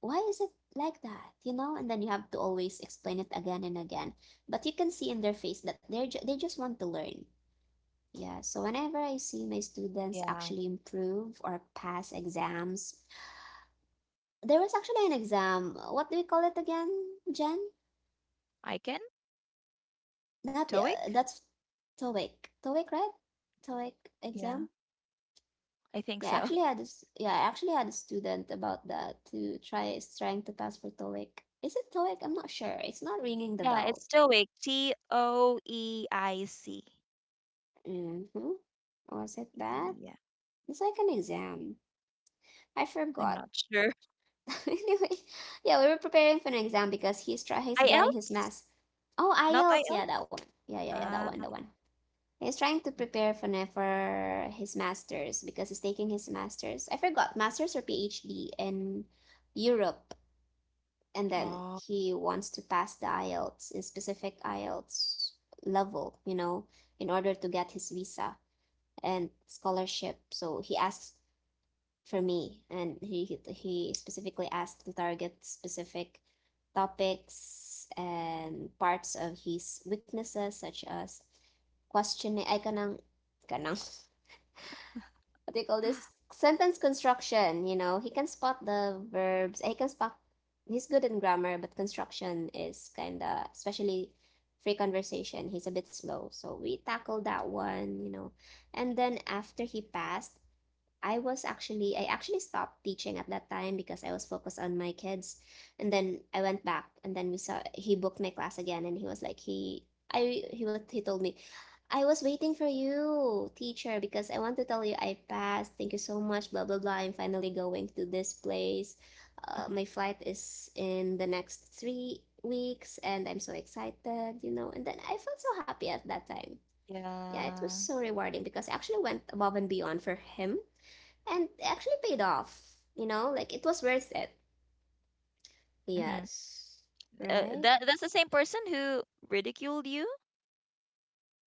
Why is it like that? You know, and then you have to always explain it again and again. But you can see in their face that they just want to learn. Yeah, so whenever I see my students
Yeah.
actually improve or pass exams, there was actually an exam. What do we call it again, Jen?
Icon?
Not the,
Toic?
that's TOEIC. TOEIC, right? TOEIC
Yeah,
exam?
I think
Yeah, I
so.
actually had this. Yeah, I actually had a student about that to trying to pass for TOEIC. Is it TOEIC? I'm not sure. It's not ringing the
Yeah, it's
bells.
Toic. TOEIC.
Mm-hmm. Was it that?
Yeah,
It's like an exam. I
I'm
forgot.
not sure.
Anyway, yeah, we were preparing for an exam because he's getting his
IELTS?
mass. Oh,
Not
IELTS. Yeah,
IELTS?
that one. Yeah, yeah, yeah, that
Ah,
one, that one. He's trying to prepare for for his masters because he's taking his masters. I forgot masters or PhD in Europe. And then
oh,
he wants to pass the IELTS level, you know, in order to get his visa and scholarship. So he asked for me, and he specifically asked to target specific topics and parts of his weaknesses, such as questioning. Ay, kanang what do you call this, sentence construction, you know. He can spot the verbs, eh, he can spot, he's good in grammar, but construction is kind of, especially free conversation, he's a bit slow, so we tackled that one, you know. And then after he passed, I actually stopped teaching at that time because I was focused on my kids, and then I went back, and then we saw he booked my class again, and he was like he I he was he told me, I was waiting for you teacher, because I want to tell you I passed, thank you so much, blah blah blah, I'm finally going to this place,
mhm,
my flight is in the next 3 weeks, and I'm so excited, you know. And then I felt so happy at that time. Yeah, it was
yeah.
so rewarding because I actually went above and beyond for him, and it actually paid off. You know, like it was worth it.
Hmm.
Yes. Right?
That that's the same person who ridiculed you?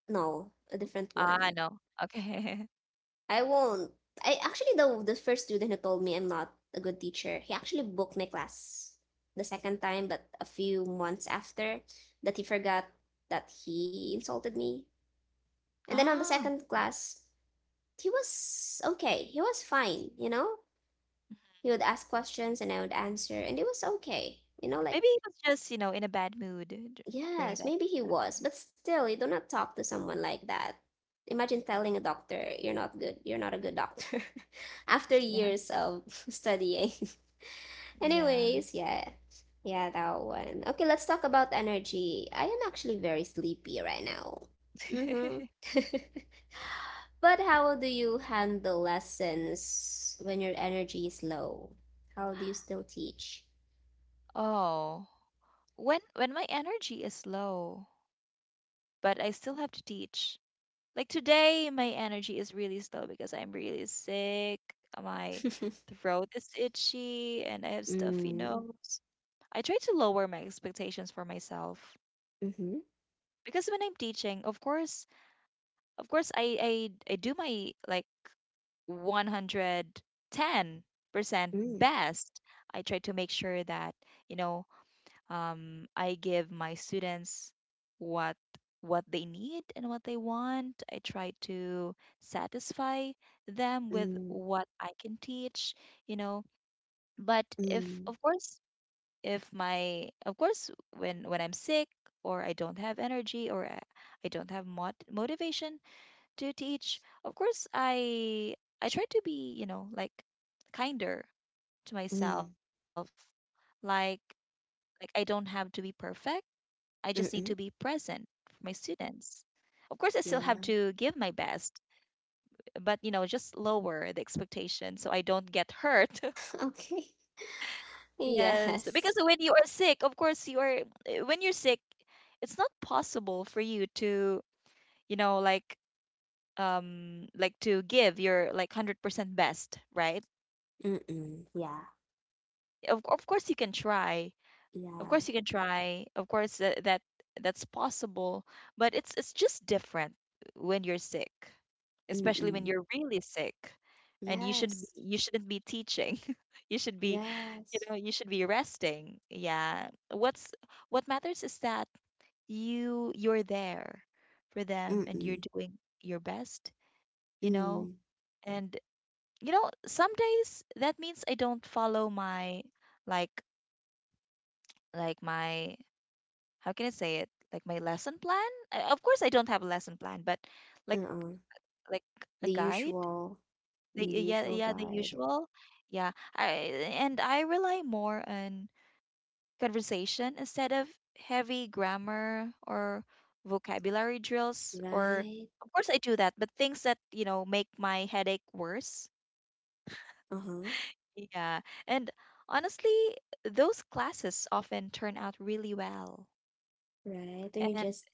No, a different
Ah,
one.
no. Okay.
I won't. I actually the first student who told me I'm not a good teacher, he actually booked my class the second time, but a few months after that he forgot that he insulted me. And then on the
Ah,
second class, he was okay. He was fine, you know?
mhm.
He would ask questions and I would answer, and it was okay. You know, like
Maybe he was just, you know, in a bad mood during
Yes,
that
maybe he
time.
was, but still, you do not talk to someone like that. Imagine telling a doctor, you're not good, you're not a good doctor, after
Yeah.
years of studying.
Yeah.
Anyways, yeah, yeah, that one. Okay, let's talk about energy. I am actually very sleepy right now. Mm-hmm. But how do you handle lessons when your energy is low? How do you still teach?
Oh, when my energy is low, but I still have to teach. Like today, my energy is really slow because I'm really sick. My throat is itchy and I have stuffy
Mm,
nose. I try to lower my expectations for myself
mhm,
because when I'm teaching, of course, I do my like 110%
mm,
best. I try to make sure that you know I give my students what what they need and what they want. I try to satisfy them with
mm,
what I can teach, you know. But if
mm.
of course, if my of course when I'm sick or I don't have energy or I don't have motivation to teach, of course I try to be, you know, like kinder to myself.
Mm,
Like like I don't have to be perfect. I just need to be
mm,
present for my students. Of course, I still have
yeah.
to give my best, but you know, just lower the expectation so I don't get hurt.
Okay.
Yes, because
Yes.
when you are sick, of course you are eh, when you're sick, it's not possible for you to, you know, like to give your like 100% best, right?
Mm-mm. Yeah.
Of course you can try. Of
Yeah.
course you can try. Of course that's possible, but it's just different when you're sick, especially when
Mm-mm.
you're really sick, and
Yes.
you shouldn't be teaching. You should be, you
Yes.
know, you should be resting. Yeah. What's what matters is that you you're there for them and
Mm-mm.
you're doing your best, you know?
Mm.
And you know, some days that means I don't follow my like like my how can I say it? Like my lesson plan? Of course, I don't have a lesson plan, but like
Uh-uh.
like a
The
guide.
usual,
The,
mm, the
yeah,
usual
yeah, the
guide.
usual. Yeah, I and I rely more on conversation instead of heavy grammar or vocabulary drills. Or
Right.
of course, I do that, but things that you know make my headache worse.
Uh-huh.
Yeah, and honestly, those classes often turn out really well.
Right. Then you
And
just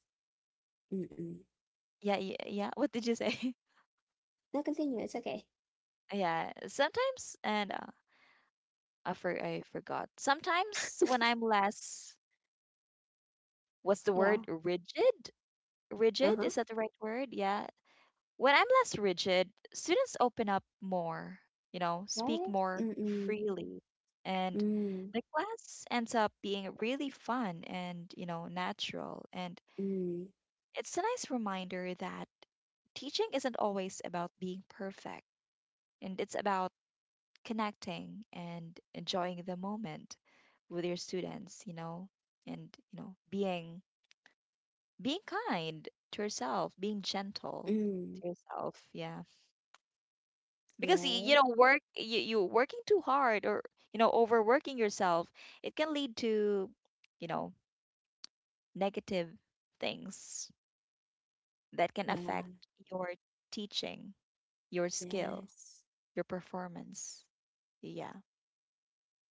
mm-mm.
yeah, yeah, yeah. What did you say?
No, continue. It's okay.
Yeah, sometimes and I forgot. Sometimes when I'm less, what's the
Yeah.
word? Rigid? Rigid?
Uh-huh.
Is that the right word? Yeah. When I'm less rigid, students open up more, you know, speak
Right.
more
Mm-mm.
freely, and
Mm.
the class ends up being really fun and, you know, natural. And
Mm.
it's a nice reminder that teaching isn't always about being perfect, and it's about connecting and enjoying the moment with your students, you know, and you know, being kind to yourself, being gentle
Mm.
to yourself, yeah. Because you
Right.
know, work you you working too hard or you know, overworking yourself, it can lead to, you know, negative things that can affect
Yeah.
your teaching, your skill,
Yes.
your performance. Yeah.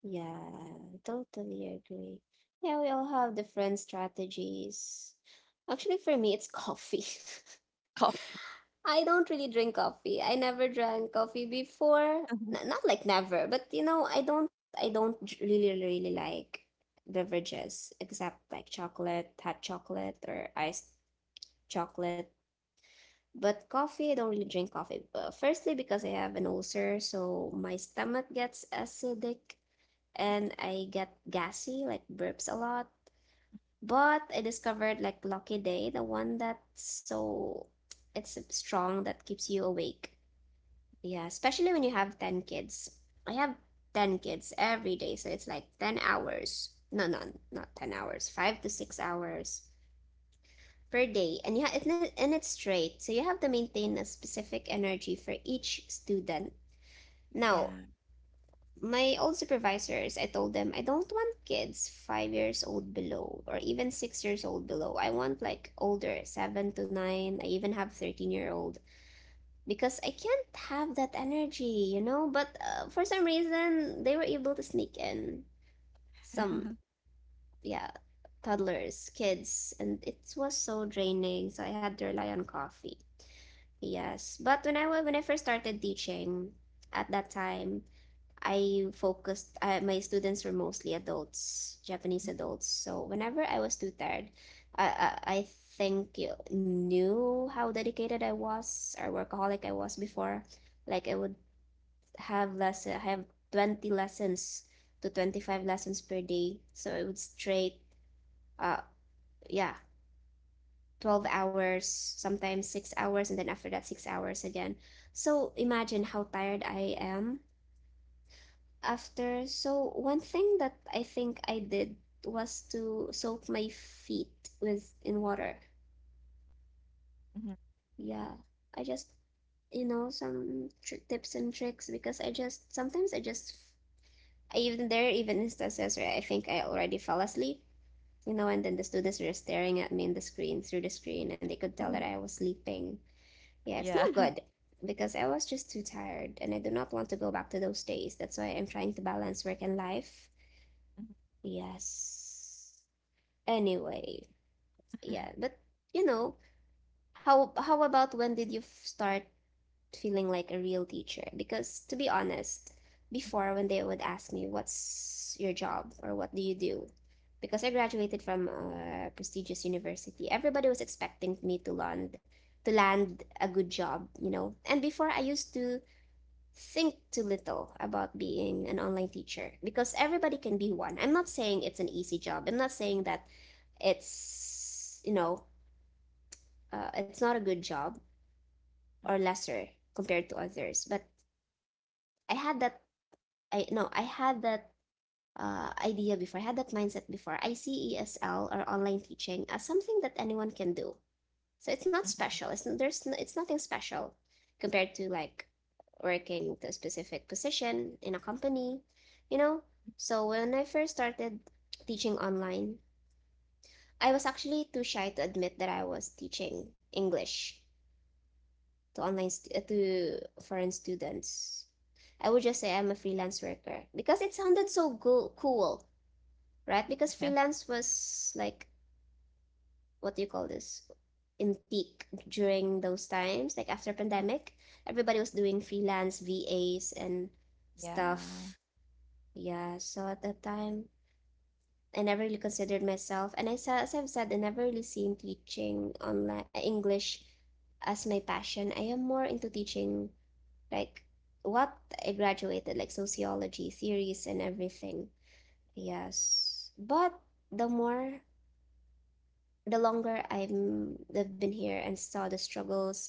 Yeah, totally agree. Yeah, we all have different strategies. Actually, for me, it's coffee.
Coffee.
I don't really drink coffee. I never drank coffee before. Not like never, but you know, I don't really, really like beverages except like chocolate, hot chocolate, or iced chocolate. But coffee, I don't really drink coffee. Firstly, because I have an ulcer, so my stomach gets acidic and I get gassy, like burps a lot. But I discovered like Lucky Day, the one that's so it's strong that keeps you awake. Yeah, especially when you have 10 kids. I have 10 kids every day, so it's like 10 hours. No, no, not 10 hours. 5 to 6 hours per day. And yeah, it's and it's straight. So you have to maintain a specific energy for each student. Now,
Yeah.
my old supervisors, I told them I don't want kids 5 years old below or even 6 years old below. I want like older, 7 to 9. I even have 13-year-old because I can't have that energy, you know. But for some reason, they were able to sneak in some,
Mhm,
yeah, toddlers, kids, and it was so draining. So I had to rely on coffee. Yes, but when I first started teaching, at that time, I focused, my students were mostly adults, Japanese adults. So whenever I was too tired, I think you knew how dedicated I was or workaholic I was before. Like I would have lesson, I have 20 lessons to 25 lessons per day. So it would straight, uh, yeah, 12 hours, sometimes 6 hours, and then after that, 6 hours again. So imagine how tired I am after. So one thing that I think I did was to soak my feet with in water,
mhm.
yeah. I just, some tips and tricks. Because I just sometimes I just, I even, there are even instances where I think I already fell asleep, and then the students were staring at me in the screen, through the screen, and they could tell that I was sleeping. Yeah, it's
Yeah.
not good because I was just too tired, and I do not want to go back to those days. That's why I'm trying to balance work and life. Yes. Anyway, yeah, but you know, how about when did you start feeling like a real teacher? Because to be honest, before, when they would ask me, what's your job or what do you do? Because I graduated from a prestigious university, everybody was expecting me to land, to land a good job, you know. And before, I used to think too little about being an online teacher because everybody can be one. I'm not saying it's an easy job. I'm not saying that it's, it's not a good job or lesser compared to others. But I had that, I no, I had that idea before. I had that mindset before. I see ESL or online teaching as something that anyone can do. So it's not
Mhm. Mhm.
special. It's nothing special compared to like working with a specific position in a company, you know? So when I first started teaching online, I was actually too shy to admit that I was teaching English to foreign students. I would just say I'm a freelance worker because it sounded so cool, right? Because
Mhm.
freelance was like, what do you call this? In peak during those times, like after pandemic, everybody was doing freelance VAs and
Yeah.
stuff. Yeah, so at that time, I never really considered myself, and I said, as I've said, I never really seen teaching online English as my passion. I am more into teaching like what I graduated, like sociology, theories, and everything. Yes, but the more, the longer I've been here and saw the struggles,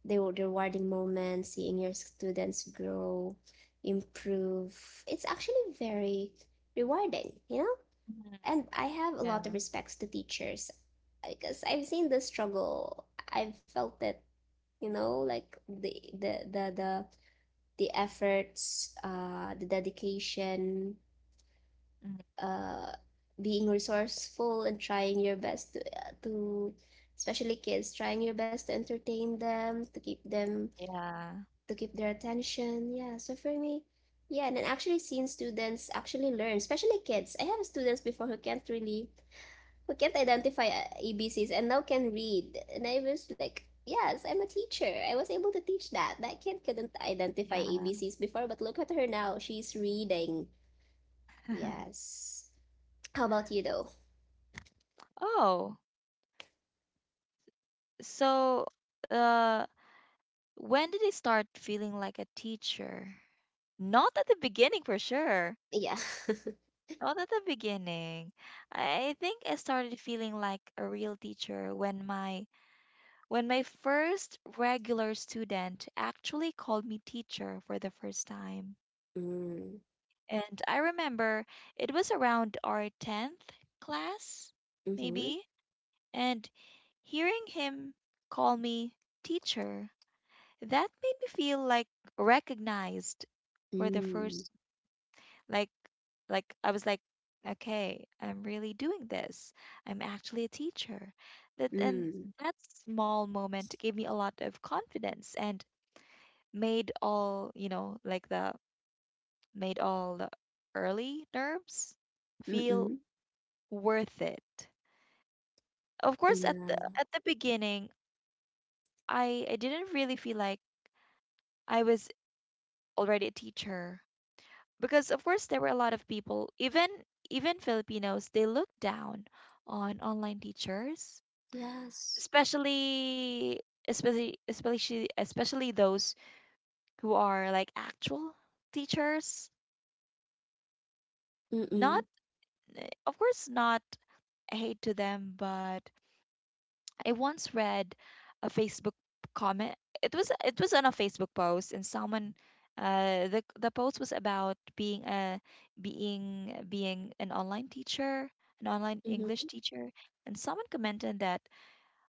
the rewarding moments, seeing your students grow, improve, it's actually very rewarding, you know? And I have a
Yeah.
lot
Mhm.
of
Yeah.
respects to teachers because I've seen the struggle. I've felt it, you know, like the efforts, the dedication,
Mhm.
uh, being resourceful and trying your best to, to, especially kids, trying your best to entertain them, to keep them,
Yeah.
to keep their attention. Yeah, so for me, yeah, and then actually seeing students actually learn, especially kids. I have students before who can't really, who can't identify ABCs and now can read. And I was like, yes, I'm a teacher. I was able to teach that. That kid couldn't identify
Yeah.
ABCs before, but look at her now. She's reading. Yes. How about you, though?
Oh, so uh when did it start feeling like a teacher? Not at the beginning for sure.
Yeah.
Not at the beginning. I think I started feeling like a real teacher when my first regular student actually called me teacher for the first time.
Mm,
And I remember it was around our 10th class,
mm-hmm.
maybe, and hearing him call me teacher, that made me feel like recognized for the
Mm,
first like like I was like okay, I'm really doing this. I'm actually a teacher. That and
mm,
that small moment gave me a lot of confidence and made all, you know, like the made all the early nerves feel
mm-mm.
worth it. Of course, at the
Yeah.
at the beginning, I didn't really feel like I was already a teacher because of course there were a lot of people, even even Filipinos, they look down on online teachers,
Yes.
especially especially those who are like actual teachers.
Mm-mm.
Not, eh, of course, not hate to them, but I once read a Facebook comment. It was on a Facebook post, and someone, the post was about being a being an online teacher, an online English
Mm-hmm.
teacher, and someone commented that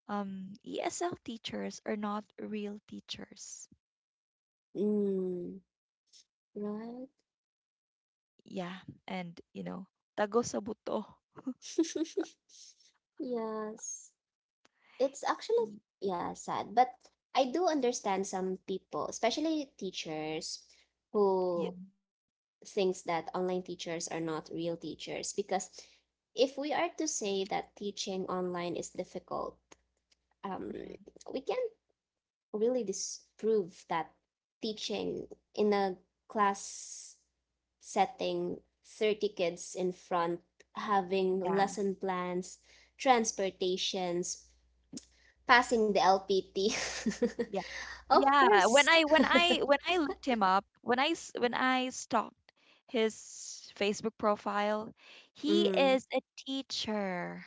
ESL teachers are not real teachers.
Mm, right?
Yeah, and you know, tago sa buto.
Yes. It's actually,
Y-
yeah, sad, but I do understand some people, especially teachers,
Yeah,
who thinks that online teachers are not real teachers. Because if we are to say that teaching online is difficult, um,
mhm,
we can't really disprove that teaching in a class setting, 30 kids in front, having
yeah.
lesson plans, transportations. Passing the LPT.
Yeah.
Of
Yeah, when
course.
I looked him up, when I stalked his Facebook profile, he
Mm,
is a teacher.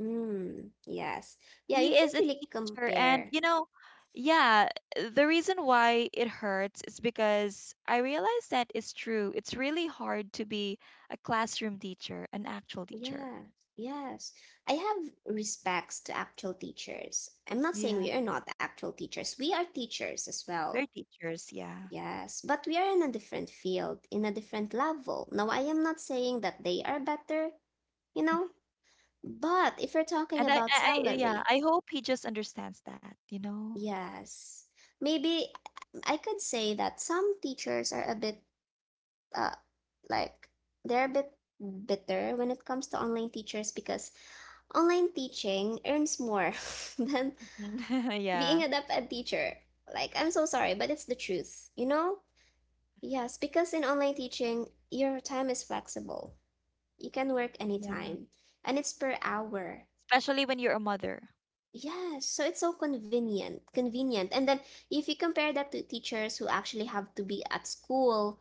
mm, yes. Yeah, you
He is
can't
a
really
teacher and
compare.
you know, yeah, the reason why it hurts is because I realize that it's true. It's really hard to be a classroom teacher, an actual teacher.
Yeah, yes. I have respects to actual teachers. I'm not saying
Yeah,
we are not actual teachers. We are teachers as well.
we're teachers, yeah.
Yes, but we are in a different field, in a different level. Now, I am not saying that they are better, you know, but if you're talking
And
about
I yeah,
salary.
I hope he just understands that, you know.
Yes. Maybe I could say that some teachers are a bit uh like they're a bit bitter when it comes to online teachers because online teaching earns more than being a
Yeah.
deaf ed teacher. Like I'm so sorry, but it's the truth, you know? Yes, because in online teaching, your time is flexible. You can work
Yeah.
anytime, and it's per hour.
Especially when you're a mother.
Yes, so it's so convenient, convenient. And then if you compare that to teachers who actually have to be at school,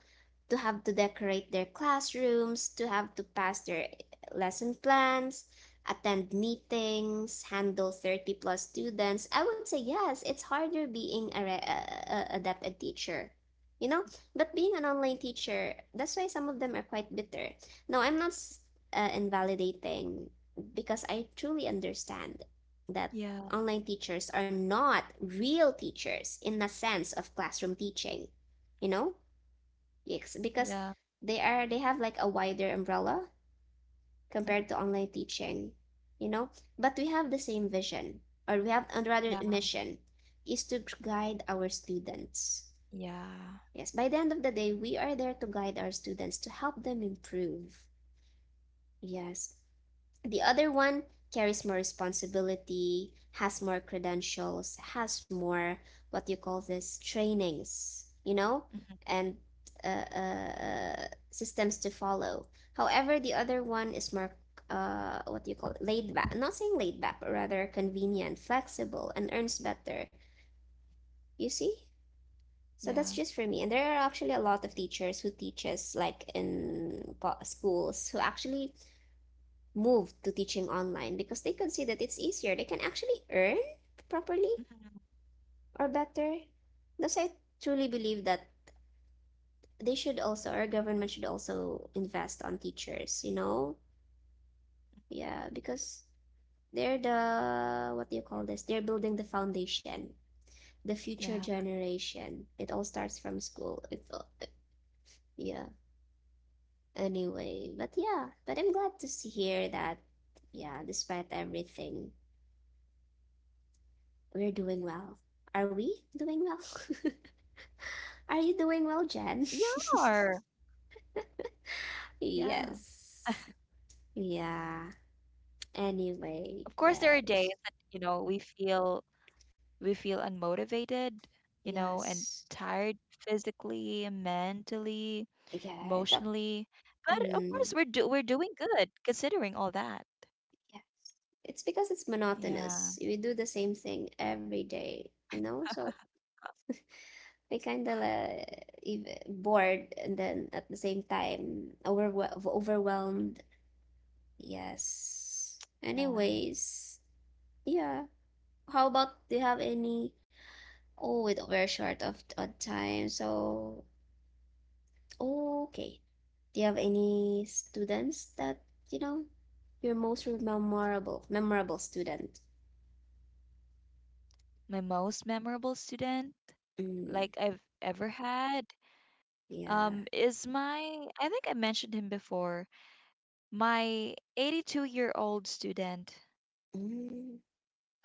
to have to decorate their classrooms, to have to pass their lesson plans, attend meetings, handle 30 plus students, I would say yes, it's harder being a a dep ed teacher. You know, but being an online teacher, that's why some of them are quite bitter. Now, I'm not s- invalidating, because I truly understand that
Yeah,
online teachers are not real teachers in the sense of classroom teaching, you know? Yes, because
yeah,
they have like a wider umbrella
mm,
compared to online teaching, you know? But we have the same vision, or we have, and rather
yeah,
mission, is to guide our students.
yeah,
Yes, by the end of the day, we are there to guide our students, to help them improve. Yes. The other one carries more responsibility, has more credentials, has more, what you call this, trainings, you know,
mhm,
and uh, uh, systems to follow. However, the other one is more, what you call it? Laid back. I'm not saying laid back, but rather convenient, flexible, and earns better. You see? So that's just
yeah,
for me. And there are actually a lot of teachers who teaches like in schools who actually move to teaching online because they could see that it's easier. They can actually earn properly
mhm,
or better. Thus, I truly believe that our government should also invest on teachers, you know? Yeah, because they're the, what do you call this? They're building the foundation, the future
yeah.
generation. It all starts from school. It, yeah, anyway. But yeah, but I'm glad to see here that, yeah, despite everything, we're doing well. Are we doing well? Are you doing well,
We
Jen?
are. Yeah.
Yes. Yeah. Anyway,
Of course, there are days
yes.
that, you know, we feel unmotivated, you know, and
Yes.
tired physically, mentally,
Yeah, it's up.
emotionally. But of
Mm,
course, we're doing good considering all that.
yes. It's because it's
Yeah,
monotonous. We do the same thing every day, you know? So we kind of bored and then at the same time overwhelmed. Yes.
yeah.
Anyways, yeah. How about, do you have any? Oh, wait, we're short of on time. So, okay. Do you have any students that, you know, your most memorable memorable student?
My most memorable student
Mm,
like I've ever had
yeah.
is my, I think I mentioned him before, my 82-year-old student
Mm,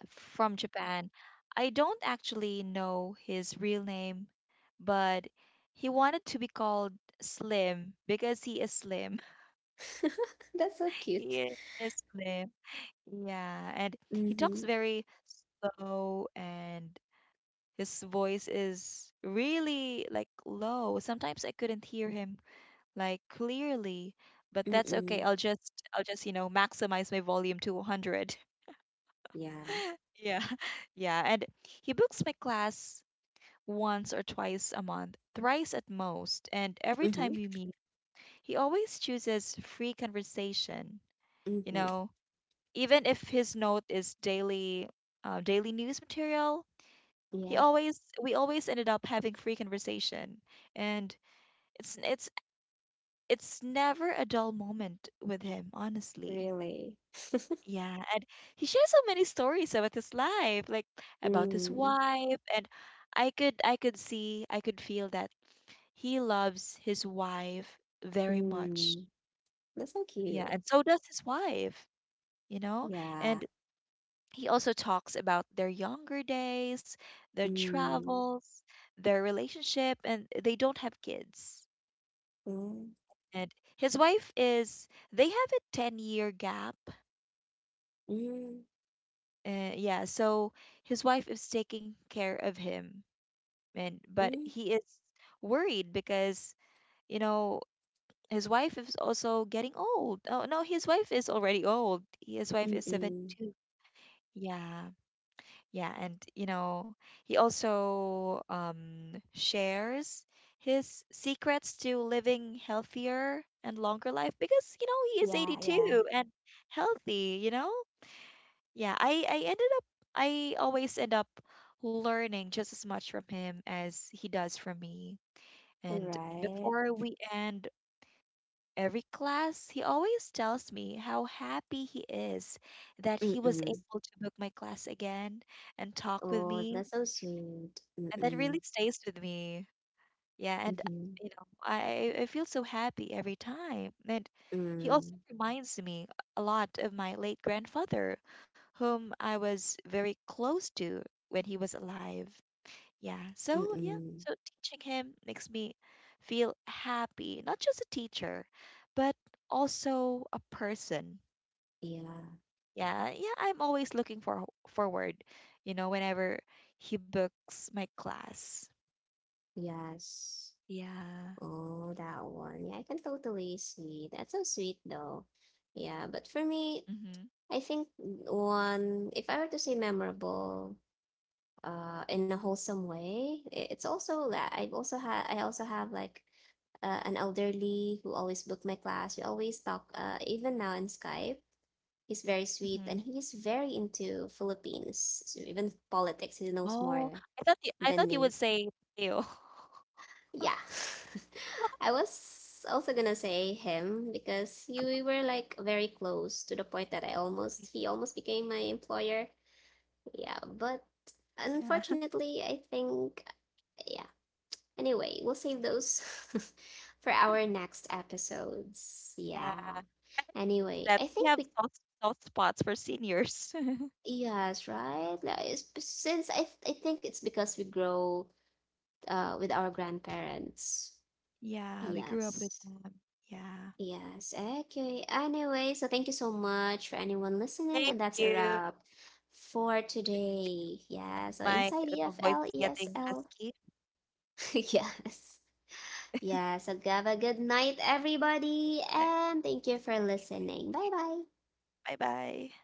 from Japan. I don't actually know his real name, but he wanted to be called Slim because he is slim.
that's so cute.
He is slim. Yeah, and he talks
Mm-hmm.
very slow and his voice is really like low. Sometimes I couldn't hear him like clearly, but that's okay.
Mm-mm.
I'll just you know maximize my volume to 100.
Yeah.
Yeah. Yeah, and he books my class once or twice a month, thrice at most, and every
Mm-hmm.
time we meet he always chooses free conversation, you
Mm-hmm.
know, even if his note is daily news material.
Yeah.
He always we always ended up having free conversation, and it's it's it's never a dull moment with him, honestly.
Really.
Yeah, and he shares so many stories about his life, like about his
Mm.
wife, and I could see, I could feel that he loves his wife very much.
Mm. That's so
Yeah,
cute.
and so does his wife, you know?
Yeah.
And he also talks about their younger days, their
Mm.
travels, their relationship, and they don't have kids.
Mm.
And his wife is, they have a 10-year year gap.
Mm.
Yeah, so his wife is taking care of him and but
Mm.
he is worried because you know his wife is also getting old. Oh no, his wife is already old. His wife is
Mm-mm.
72. Yeah. Yeah, and you know, he also shares his secrets to living healthier and longer life because you know, he is
Yeah, yeah.
82 and healthy, you know? Yeah, I ended up I always end up learning just as much from him as he does from me. And
Alright.
before we end every class, he always tells me how happy he is that he was
Mm.
able to book my class again and talk with
Oh, that's
me.
so sweet.
And that
Mm.
really stays with me. Yeah, and
Mm-hmm.
you know, I feel so happy every time. And he also
Mm.
reminds me a lot of my late grandfather, whom I was very close to when he was alive. Yeah. So, yeah.
Mm.
So teaching him makes me feel happy, not just a teacher, but also a person.
Yeah.
Yeah. Yeah, I'm always looking for forward, you know, whenever he books my class.
Yes.
Yeah.
Oh, that one. Yeah, I can totally see. That's so sweet though. Yeah, but
Mhm.
for me, I think one, if I were to say memorable, in a wholesome way, it's also that I also have like an elderly who always booked my class. We always talk, even now in Skype. He's very
Mhm.
sweet and he's very into Philippines. So even politics, he knows
Oh,
more
I
than
thought you
me.
would say Theo.
Yeah. I was also gonna say him because you we were like very close to the point that I almost he almost became my employer. Yeah, but
Yeah.
unfortunately, I think, yeah. Anyway, we'll save those for our next episodes.
Yeah.
Yeah.
I think
Anyway,
that
I
we
think
have
we.
soft soft spots for seniors.
Yes, right. Like, it's b- since I th- I think it's because we grow with our grandparents.
Yeah, we grew up with
Yes.
them. Yeah.
Yes. Okay. Anyway, so thank you so much for anyone listening,
Thank
and that's a
you.
wrap for
Did
today. Yeah. So
my
inside
my voice
EFL,
is getting
ESL.
husky.
Yes. Yeah. So have a good night, everybody,
I-
and thank you for listening. Bye bye.
Bye bye.